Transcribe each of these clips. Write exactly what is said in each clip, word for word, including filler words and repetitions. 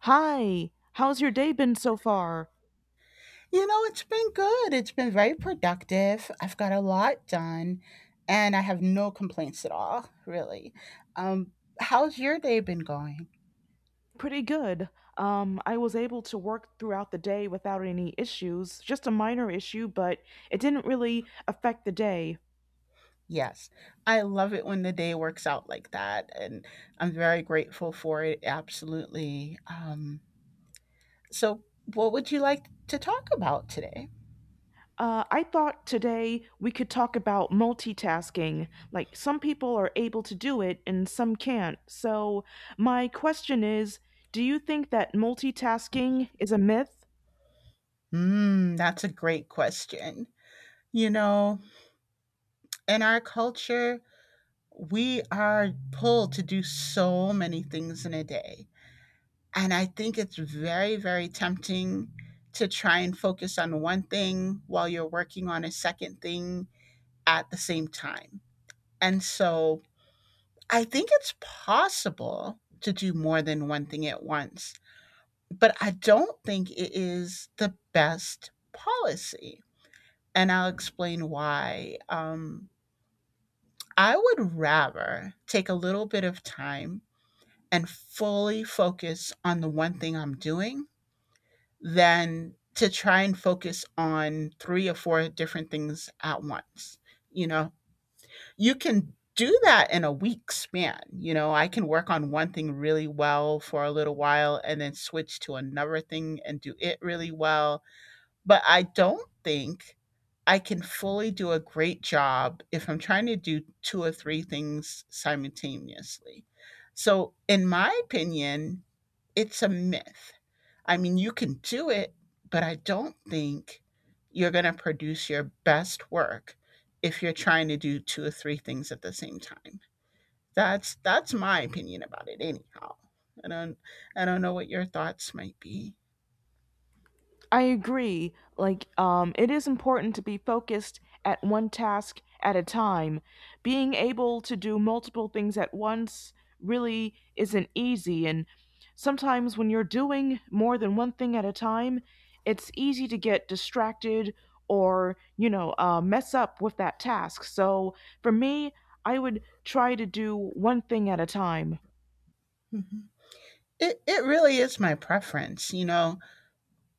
Hi, how's your day been so far? You know, it's been good. It's been very productive. I've got a lot done and I have no complaints at all, really. Um, How's your day been going? Pretty good. Um, I was able to work throughout the day without any issues, just a minor issue, but it didn't really affect the day. Yes, I love it when the day works out like that, and I'm very grateful for it, absolutely. Um, so, what would you like to talk about today? Uh, I thought today we could talk about multitasking. Like, some people are able to do it and some can't. So, my question is, do you think that multitasking is a myth? Mm, that's a great question. You know, in our culture, we are pulled to do so many things in a day. And I think it's very, very tempting to try and focus on one thing while you're working on a second thing at the same time. And so I think it's possible to do more than one thing at once, but I don't think it is the best policy. And I'll explain why. Um, I would rather take a little bit of time and fully focus on the one thing I'm doing than to try and focus on three or four different things at once. You know, you can do that in a week span. You know, I can work on one thing really well for a little while and then switch to another thing and do it really well. But I don't think I can fully do a great job if I'm trying to do two or three things simultaneously. So, in my opinion, it's a myth. I mean, you can do it, but I don't think you're going to produce your best work if you're trying to do two or three things at the same time. That's that's my opinion about it anyhow. I don't I don't know what your thoughts might be. I agree. Like, um, it is important to be focused at one task at a time. Being able to do multiple things at once really isn't easy. And sometimes when you're doing more than one thing at a time, it's easy to get distracted or, you know, uh, mess up with that task. So for me, I would try to do one thing at a time. Mhm. It it really is my preference, you know.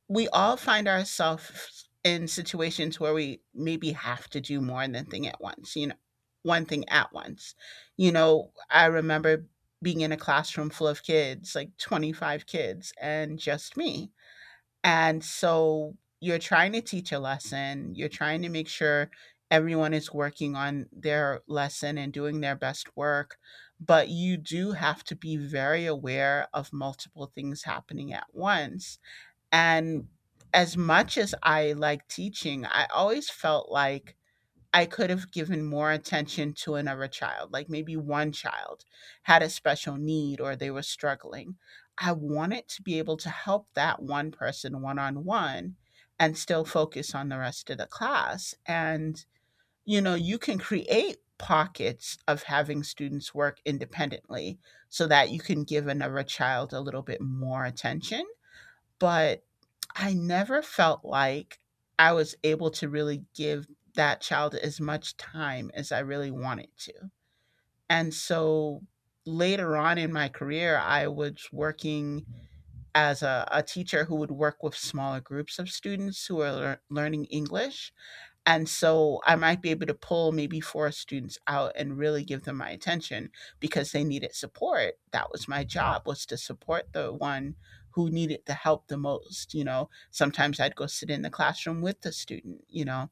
We all find ourselves in situations where we maybe have to do more than thing at once, you know, one thing at once. You know, I remember being in a classroom full of kids, like twenty-five kids, and just me. And so you're trying to teach a lesson, you're trying to make sure everyone is working on their lesson and doing their best work, but you do have to be very aware of multiple things happening at once, and as much as I like teaching, I always felt like I could have given more attention to another child, like maybe one child had a special need or they were struggling. I wanted to be able to help that one person one on one and still focus on the rest of the class. And, you know, you can create pockets of having students work independently so that you can give another child a little bit more attention. But I never felt like I was able to really give that child as much time as I really wanted to. And so later on in my career, I was working as a, a teacher who would work with smaller groups of students who are lear- learning English. And so I might be able to pull maybe four students out and really give them my attention because they needed support. That was my job, was to support the one who needed the help the most, you know. Sometimes I'd go sit in the classroom with the student, you know,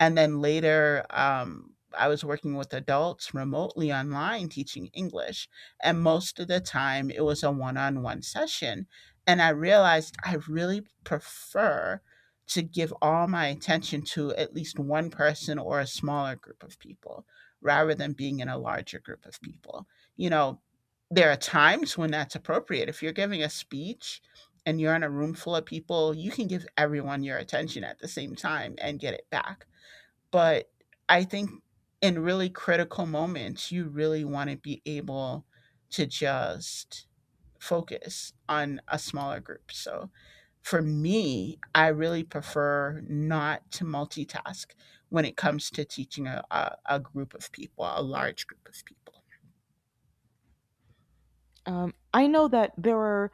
and then later, um, I was working with adults remotely online teaching English. And most of the time, it was a one on one session. And I realized I really prefer to give all my attention to at least one person or a smaller group of people rather than being in a larger group of people. You know, there are times when that's appropriate. If you're giving a speech and you're in a room full of people, you can give everyone your attention at the same time and get it back, but I think in really critical moments, you really want to be able to just focus on a smaller group. So for me, I really prefer not to multitask when it comes to teaching a, a, a group of people, a large group of people. Um, I know that there are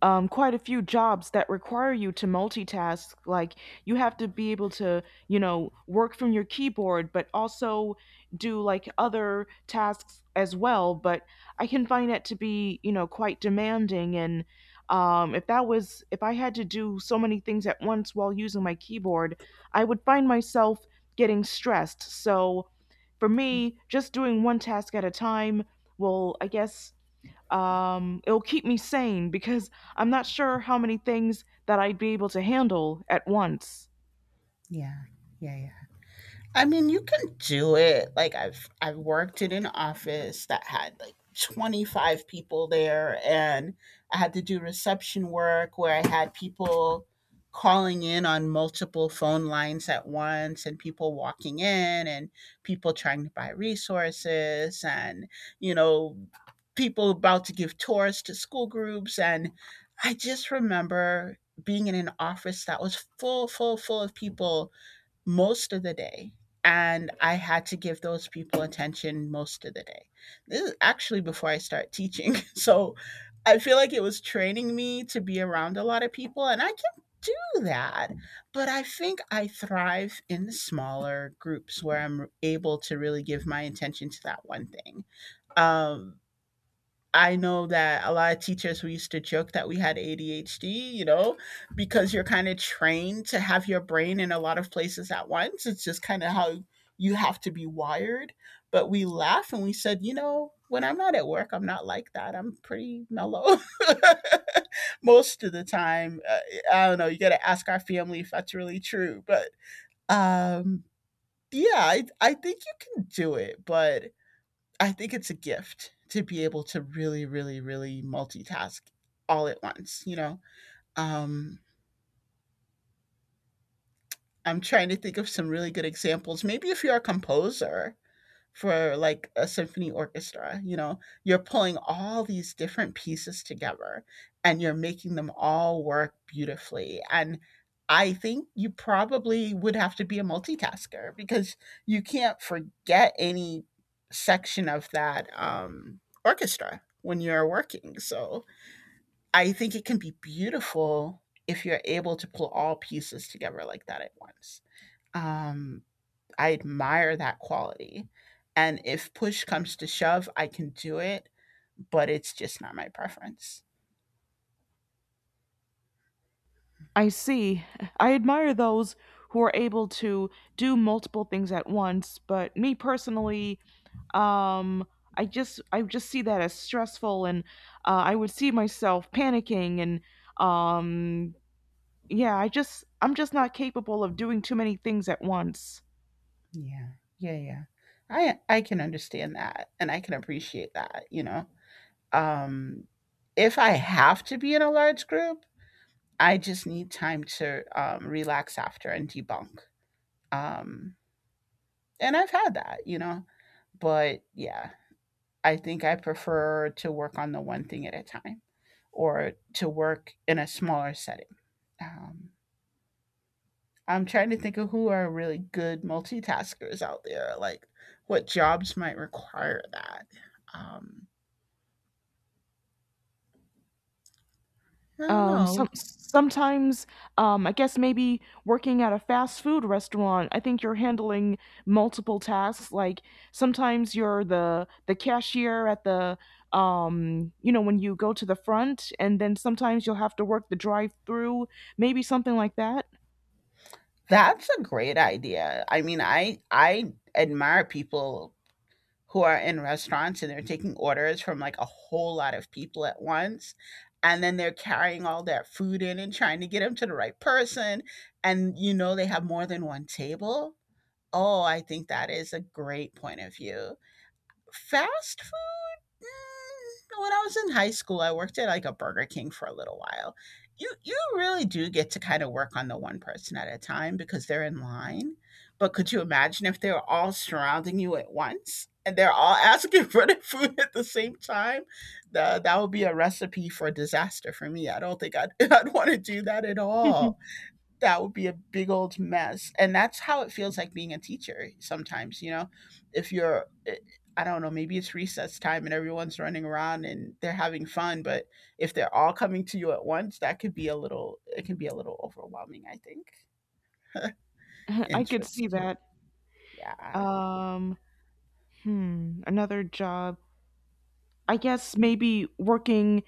um, quite a few jobs that require you to multitask. Like you have to be able to, you know, work from your keyboard, but also do like other tasks as well. But I can find that to be, you know, quite demanding. And um, if that was, if I had to do so many things at once while using my keyboard, I would find myself getting stressed. So for me, just doing one task at a time will, I guess, um, it'll keep me sane because I'm not sure how many things that I'd be able to handle at once. Yeah. Yeah. Yeah. I mean, you can do it. Like I've I've worked in an office that had like twenty-five people there and I had to do reception work where I had people calling in on multiple phone lines at once and people walking in and people trying to buy resources and, you know, people about to give tours to school groups, and I just remember being in an office that was full full full of people most of the day, and I had to give those people attention most of the day. This is actually before I start teaching so I feel like it was training me to be around a lot of people, and I can do that, but I think I thrive in the smaller groups where I'm able to really give my attention to that one thing. um, I know that a lot of teachers we used to joke that we had A D H D, you know, because you're kind of trained to have your brain in a lot of places at once. It's just kind of how you have to be wired. But we laugh and we said, you know, when I'm not at work, I'm not like that. I'm pretty mellow most of the time. Uh, I don't know. You got to ask our family if that's really true. But um, yeah, I, I think you can do it. But I think it's a gift to be able to really, really, really multitask all at once, you know? Um, I'm trying to think of some really good examples. Maybe if you're a composer, for like a symphony orchestra, you know, you're pulling all these different pieces together and you're making them all work beautifully, and I think you probably would have to be a multitasker because you can't forget any section of that um, orchestra when you're working. So I think it can be beautiful if you're able to pull all pieces together like that at once. um, I admire that quality. And if push comes to shove, I can do it, but it's just not my preference. I see. I admire those who are able to do multiple things at once, but me personally, um, I just I just see that as stressful, and uh, I would see myself panicking, and um, yeah, I just I'm just not capable of doing too many things at once. Yeah. Yeah, yeah. I I can understand that and I can appreciate that, you know. Um if I have to be in a large group, I just need time to um, relax after and debunk. Um and I've had that, you know. But yeah, I think I prefer to work on the one thing at a time or to work in a smaller setting. Um I'm trying to think of who are really good multitaskers out there, like what jobs might require that. Um, I don't um know. some sometimes um I guess maybe working at a fast food restaurant, I think you're handling multiple tasks. Like sometimes you're the the cashier at the, um you know, when you go to the front, and then sometimes you'll have to work the drive through, maybe something like that. That's a great idea. I mean, I I admire people who are in restaurants and they're taking orders from like a whole lot of people at once. And then they're carrying all that food in and trying to get them to the right person. And you know, they have more than one table. Oh, I think that is a great point of view. Fast food. Mm, when I was in high school, I worked at like a Burger King for a little while. You you really do get to kind of work on the one person at a time because they're in line. But could you imagine if they were all surrounding you at once and they're all asking for the food at the same time? The, that would be a recipe for disaster for me. I don't think I'd, I'd want to do that at all. That would be a big old mess. And that's how it feels like being a teacher sometimes, you know? If you're, eh, I don't know, maybe it's recess time and everyone's running around and they're having fun, but if they're all coming to you at once, that could be a little, it can be a little overwhelming, I think. I could see Interesting. that. Yeah. um hmm another job, I guess maybe working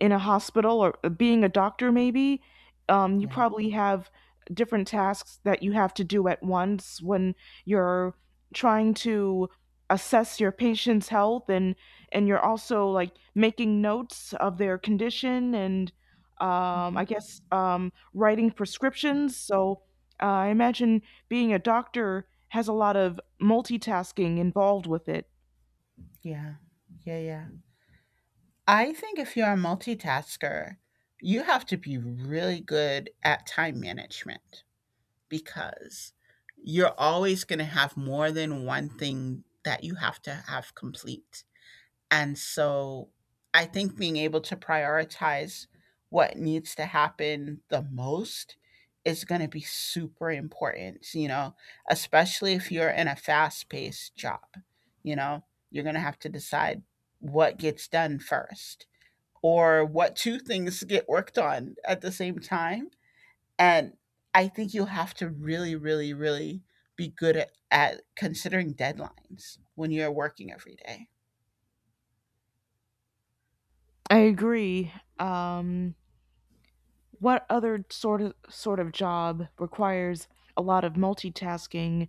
in a hospital or uh, being a doctor maybe. Um, you Yeah. probably have different tasks that you have to do at once when you're trying to assess your patient's health and and you're also like making notes of their condition and, um, i Mhm. guess um, writing prescriptions. So uh, I imagine being a doctor has a lot of multitasking involved with it. Yeah. Yeah. Yeah. I think if you're a multitasker, you have to be really good at time management because you're always going to have more than one thing that you have to have complete. And so I think being able to prioritize what needs to happen the most is going to be super important, you know, especially if you're in a fast paced job. You know, you're going to have to decide what gets done first or what two things get worked on at the same time, and I think you have to really, really, really be good at, at considering deadlines when you're working every day. I agree. um, what other sort of sort of job requires a lot of multitasking?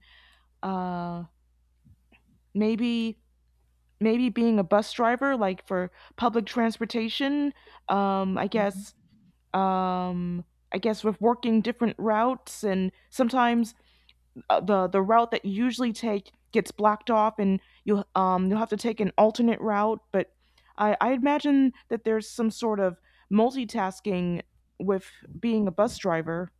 Uh, maybe Maybe being a bus driver, like for public transportation. Um, I Mm-hmm. guess. Um, I guess with working different routes, and sometimes uh, the the route that you usually take gets blocked off, and you, um you'll have to take an alternate route. But I I imagine that there's some sort of multitasking with being a bus driver.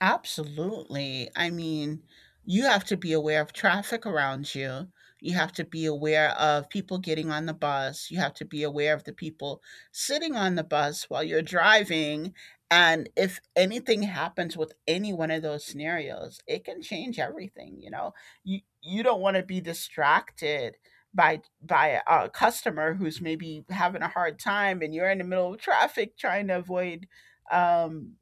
Absolutely. I mean, you have to be aware of traffic around you. You have to be aware of people getting on the bus. You have to be aware of the people sitting on the bus while you're driving. And if anything happens with any one of those scenarios, it can change everything. You know, you you don't want to be distracted by by a customer who's maybe having a hard time, and you're in the middle of traffic trying to avoid um,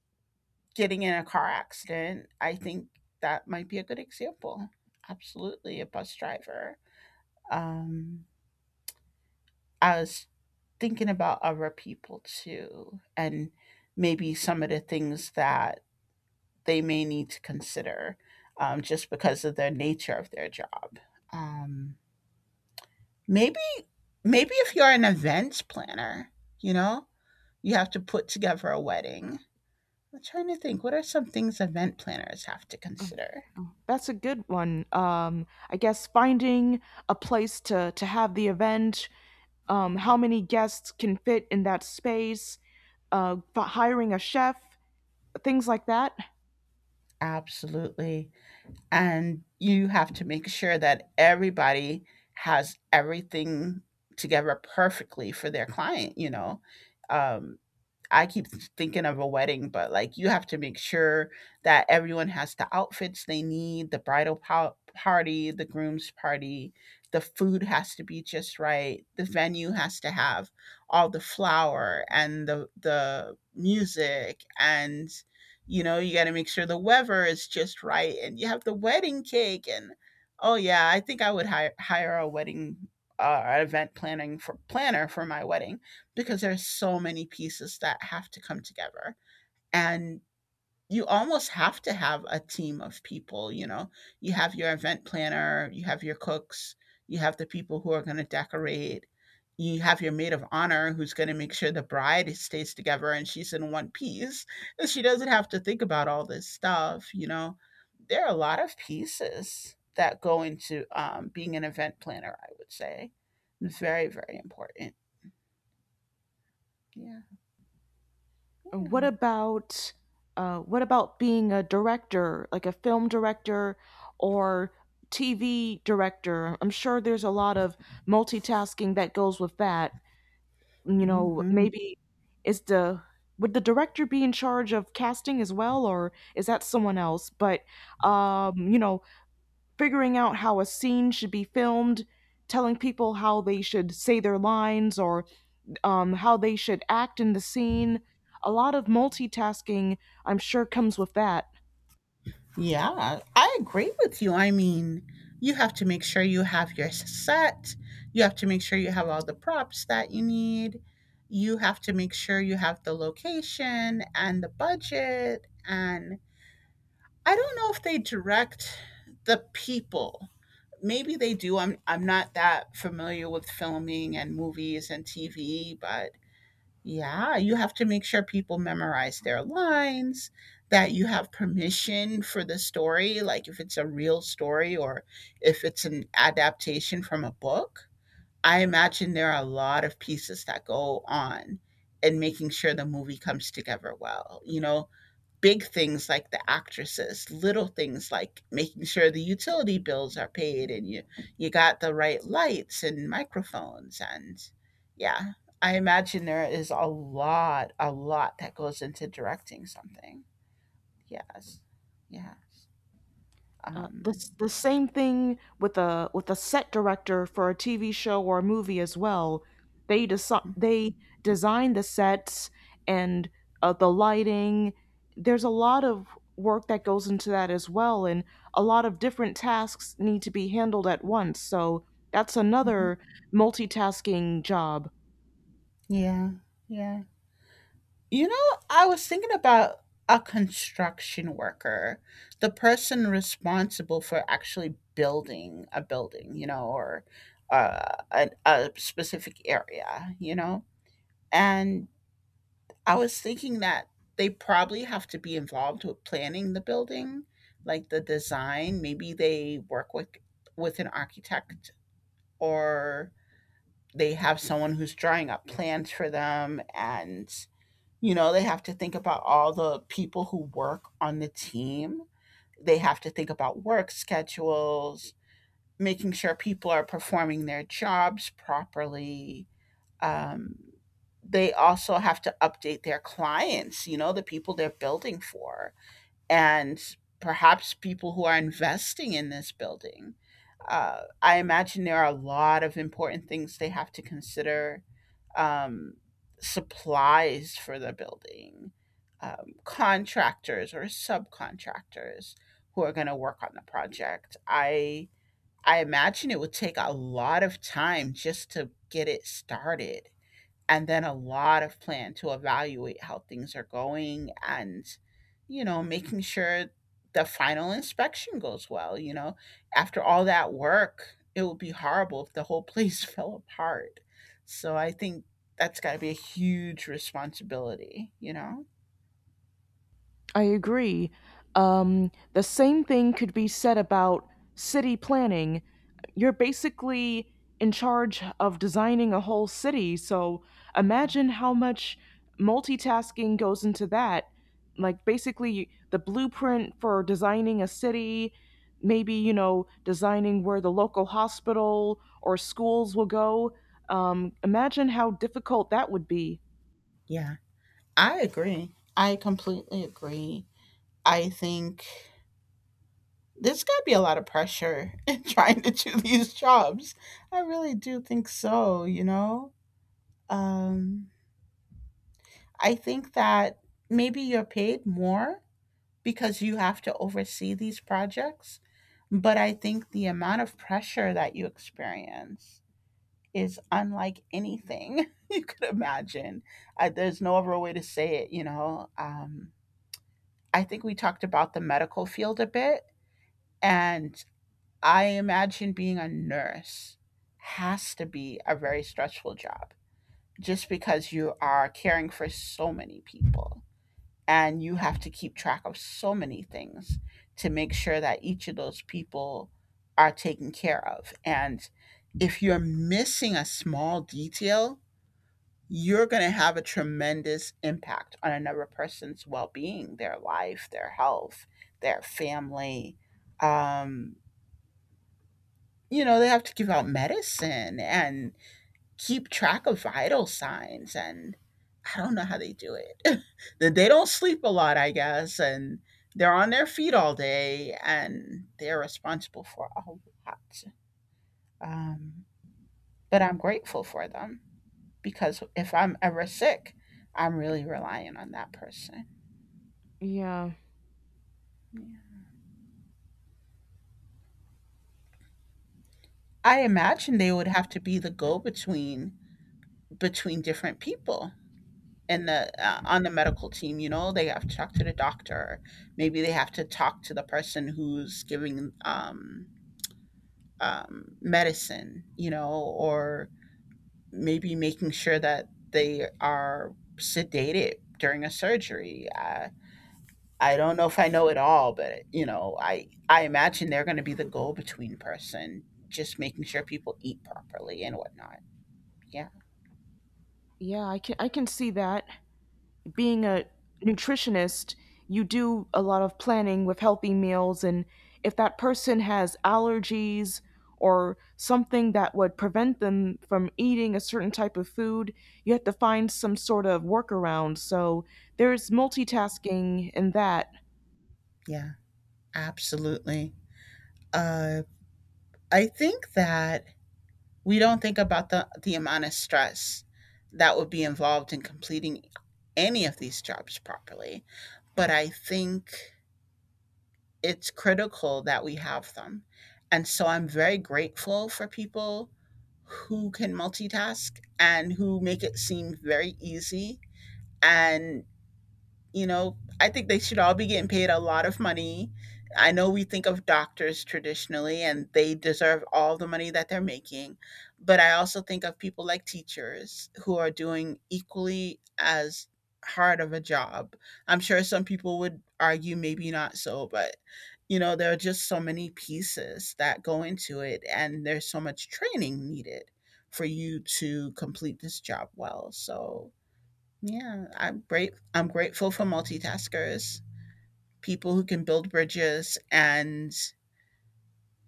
getting in a car accident. I think that might be a good example. Absolutely, a bus driver. Um, I was thinking about other people too, and maybe some of the things that they may need to consider, um, just because of the nature of their job. Um, maybe, maybe if you're an events planner, you know, you have to put together a wedding. I'm trying to think, what are some things event planners have to consider? That's a good one. Um, I guess finding a place to, to have the event, um, how many guests can fit in that space, uh, fi- hiring a chef, things like that. Absolutely. And you have to make sure that everybody has everything together perfectly for their client you know um, I keep thinking of a wedding, but like you have to make sure that everyone has the outfits they need, the bridal pow- party, the groom's party, the food has to be just right, the venue has to have all the flower and the the music and, you know, you got to make sure the weather is just right and you have the wedding cake and oh yeah, I think I would hire hire a wedding uh, event planning for planner for my wedding because there's so many pieces that have to come together. And you almost have to have a team of people you know You have your event planner, you have your cooks, you have the people who are going to decorate, you have your maid of honor who's going to make sure the bride stays together and she's in one piece and she doesn't have to think about all this stuff you know There are a lot of pieces that go into, um, being an event planner. I would say it's very very important. Yeah, yeah. What about, uh, what about being a director, like a film director or T V director? I'm sure there's a lot of multitasking that goes with that. You know, Mhm. maybe is the, would the director be in charge of casting as well, or is that someone else? But um, you know, figuring out how a scene should be filmed, telling people how they should say their lines or um, how they should act in the scene. A lot of multitasking, I'm sure, comes with that. Yeah, I agree with you. I mean, you have to make sure you have your s- set. You have to make sure you have all the props that you need. You have to make sure you have the location and the budget. And I don't know if they direct the people. Maybe they do. I'm I'm not that familiar with filming and movies and T V, but yeah, you have to make sure people memorize their lines, that you have permission for the story, like if it's a real story or if it's an adaptation from a book. I imagine there are a lot of pieces that go on in making sure the movie comes together well. You know, big things like the actresses, little things like making sure the utility bills are paid and you you got the right lights and microphones and yeah, I imagine there is a lot a lot that goes into directing something. Yes. Yes. Uh, the Um, s- The same thing with a with a set director for a T V show or a movie as well. They desi they design the sets and uh, the lighting. There's a lot of work that goes into that as well, and a lot of different tasks need to be handled at once. So that's mhm. another multitasking job. Yeah. Yeah. You know, I was thinking about a construction worker, the person responsible for actually building a building, you know, or uh, a, a specific area, you know? And I was thinking that they probably have to be involved with planning the building, like the design. Maybe they work with with an architect, or they have someone who's drawing up plans for them and, you know, they have to think about all the people who work on the team. They have to think about work schedules, making sure people are performing their jobs properly. Um, they also have to update their clients, you know, the people they're building for, and perhaps people who are investing in this building. Uh, I imagine there are a lot of important things they have to consider, um, supplies for the building, um, contractors or subcontractors who are going to work on the project. I I imagine it would take a lot of time just to get it started, and then a lot of plan to evaluate how things are going and, you know, making sure the final inspection goes well. You know, after all that work it would be horrible if the whole place fell apart. So I think that's got to be a huge responsibility, you know? I agree. Um, the same thing could be said about city planning. You're basically in charge of designing a whole city, so imagine how much multitasking goes into that. Like, basically, the blueprint for designing a city, maybe, you know, designing where the local hospital or schools will go. Um, imagine how difficult that would be. Yeah. I agree, I completely agree. I think there's got to be a lot of pressure in trying to do these jobs. I really do think so, you know. Um, I think that maybe you're paid more because you have to oversee these projects, but I think the amount of pressure that you experience is unlike anything you could imagine. I, there's no other way to say it, you know. Um, I think we talked about the medical field a bit, and I imagine being a nurse has to be a very stressful job just because you are caring for so many people. And you have to keep track of so many things to make sure that each of those people are taken care of. And if you're missing a small detail, you're going to have a tremendous impact on another person's well-being, their life, their health, their family. um, you know, they have to give out medicine and keep track of vital signs and I don't know how they do it. they they don't sleep a lot, I guess, and they're on their feet all day and they're responsible for a lot. Um, but I'm grateful for them because if I'm ever sick, I'm really relying on that person. Yeah, Yeah. I imagine they would have to be the go between, between different people in the uh, on the medical team. You know, they have to talk to the doctor, maybe they have to talk to the person who's giving, um, um, medicine, you know. Or maybe making sure that they are sedated during a surgery. I i don't know if I know it all, but you know, i i imagine they're going to be the go between person, just making sure people eat properly and whatnot. Yeah. yeah, I can I can see that. Being a nutritionist, you do a lot of planning with healthy meals. And if that person has allergies or something that would prevent them from eating a certain type of food, you have to find some sort of workaround. So there's multitasking in that. Yeah, absolutely. uh I think that we don't think about the, the amount of stress that would be involved in completing any of these jobs properly, but I think it's critical that we have them. And so I'm very grateful for people who can multitask and who make it seem very easy. And you know, I think they should all be getting paid a lot of money. I know we think of doctors traditionally and they deserve all the money that they're making, but I also think of people like teachers who are doing equally as hard of a job. I'm sure some people would argue maybe not so, but you know, there are just so many pieces that go into it and there's so much training needed for you to complete this job well. So yeah, I'm great. I'm grateful for multitaskers, people who can build bridges and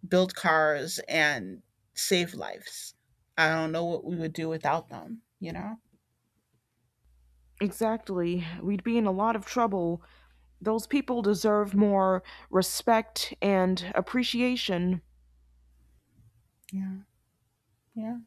build cars and save lives. I don't know what we would do without them, you know? Exactly. We'd be in a lot of trouble. Those people deserve more respect and appreciation. Yeah. Yeah.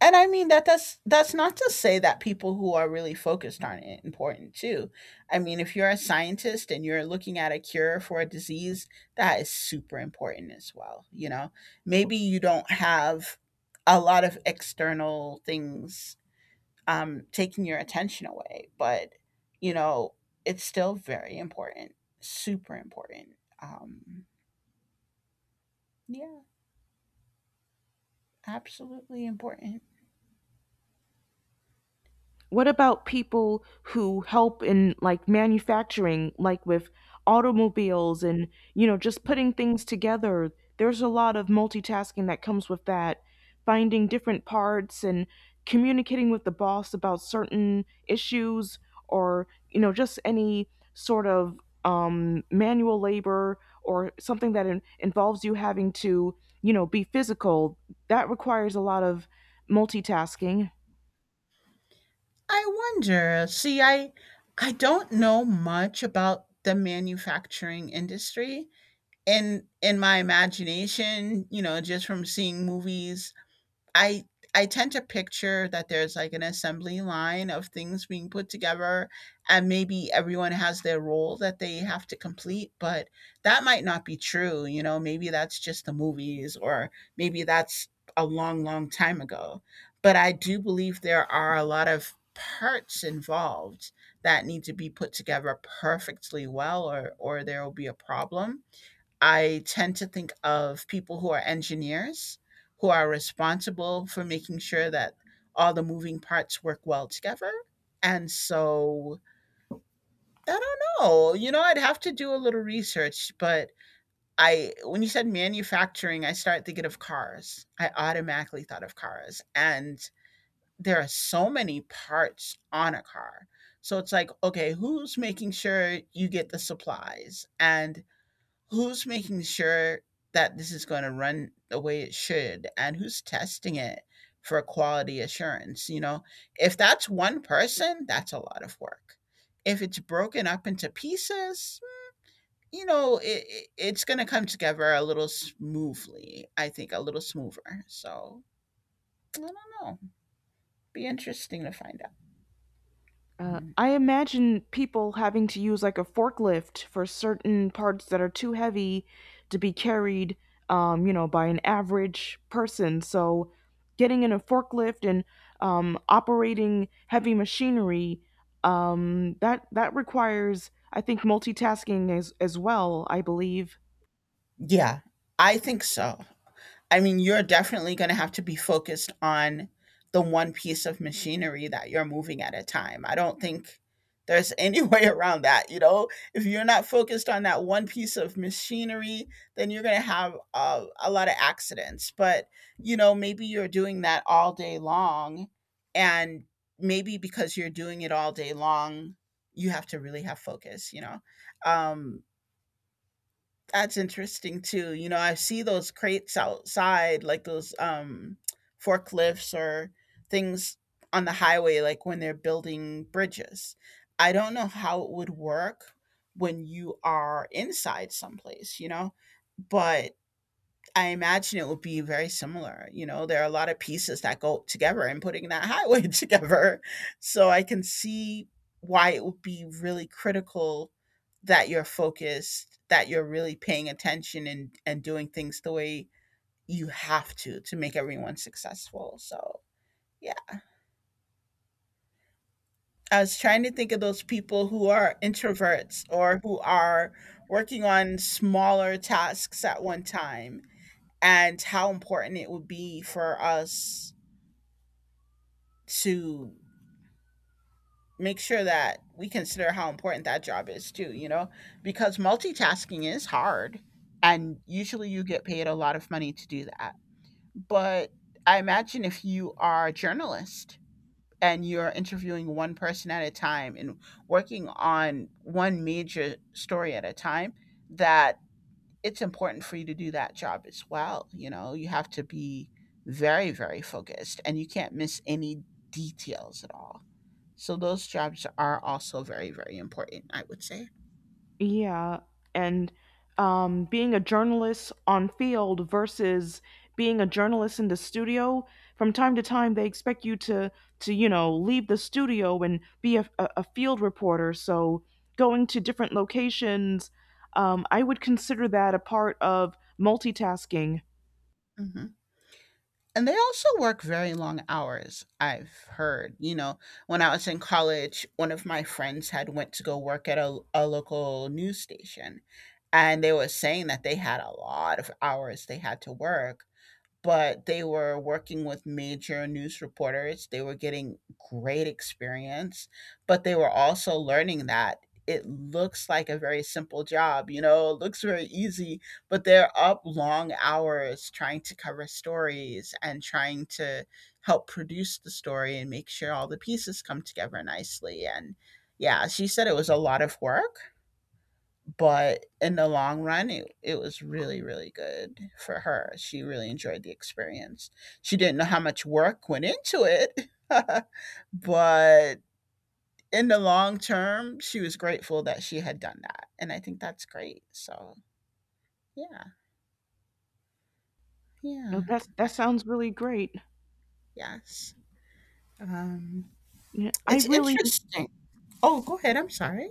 And I mean, that that's that's not to say that people who are really focused on it important too. I mean, if you're a scientist and you're looking at a cure for a disease, that is super important as well, you know? Maybe you don't have a lot of external things, um, taking your attention away. But, you know, it's still very important, super important. Um, yeah, absolutely important. What about people who help in like manufacturing, like with automobiles and, you know, just putting things together? There's a lot of multitasking that comes with that, finding different parts and communicating with the boss about certain issues or, you know, just any sort of um, manual labor or something that in- involves you having to, you know, be physical. That requires a lot of multitasking. I wonder, see, I, I don't know much about the manufacturing industry. In in my imagination, you know, just from seeing movies, I I tend to picture that there's like an assembly line of things being put together and maybe everyone has their role that they have to complete, but that might not be true, you know, maybe that's just the movies. Or maybe that's a long long time ago. But I do believe there are a lot of parts involved that need to be put together perfectly well, or or there will be a problem. I tend to think of people who are engineers, who are responsible for making sure that all the moving parts work well together. And so I don't know. You know, I'd have to do a little research, but I when you said manufacturing, I started thinking of cars. I automatically thought of cars. And there are so many parts on a car. So it's like, okay, who's making sure you get the supplies? And who's making sure that this is going to run the way it should, and who's testing it for quality assurance, you know? If that's one person, that's a lot of work. If it's broken up into pieces, you know, it, it- it's going to come together a little smoothly, I think, a little smoother. So I don't know, be interesting to find out. Uh, Mhm. I imagine people having to use like a forklift for certain parts that are too heavy to be carried, um, you know, by an average person. So, getting in a forklift and um, operating heavy machinery, um, that that requires, I think, multitasking as as well, I believe. Yeah, I think so. I mean, you're definitely going to have to be focused on the one piece of machinery that you're moving at a time. I don't think there's any way around that. You know, if you're not focused on that one piece of machinery, then you're going to have uh, a lot of accidents. But, you know, maybe you're doing that all day long. And maybe because you're doing it all day long, you have to really have focus, you know? Um, that's interesting too. You know, I see those crates outside, like those, um, forklifts, or things on the highway, like when they're building bridges. I don't know how it would work when you are inside someplace, you know, but I imagine it would be very similar. You know, there are a lot of pieces that go together and putting that highway together. So I can see why it would be really critical that you're focused, that you're really paying attention and, and doing things the way you have to to make everyone successful. So yeah, I was trying to think of those people who are introverts, or who are working on smaller tasks at one time, and how important it would be for us to make sure that we consider how important that job is too, you know, because multitasking is hard and usually you get paid a lot of money to do that. But I imagine if you are a journalist and you're interviewing one person at a time and working on one major story at a time, that it's important for you to do that job as well. You know, you have to be very, very focused and you can't miss any details at all. So those jobs are also very, very important, I would say. Yeah, and um, being a journalist on field versus being a journalist in the studio. From time to time, they expect you to to you know leave the studio and be a, a, a field reporter. So going to different locations, um, I would consider that a part of multitasking. Hmm. And they also work very long hours. I've heard, you know, when I was in college, one of my friends had went to go work at a, a local news station, and they were saying that they had a lot of hours they had to work, but they were working with major news reporters. They were getting great experience, but they were also learning that it looks like a very simple job, you know, it looks very easy, but they're up long hours trying to cover stories and trying to help produce the story and make sure all the pieces come together nicely. And yeah, she said it was a lot of work, but in the long run, it, it was really, really good for her. She really enjoyed the experience. She didn't know how much work went into it, but in the long term, she was grateful that she had done that. And I think that's great. So, yeah, Oh, yeah, That's, uh, that sounds really great. yes. Um, Yeah, I it's really, interesting. Oh, go ahead. I'm sorry.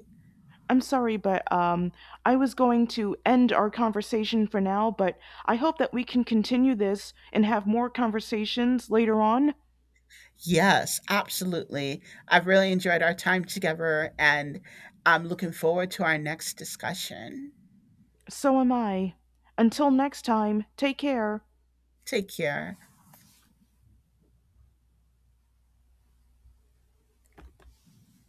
I'm sorry, but um, I was going to end our conversation for now, but I hope that we can continue this and have more conversations later on. Yes, absolutely. I've really enjoyed our time together and I'm looking forward to our next discussion. So am I. Until next time, take care. Take care.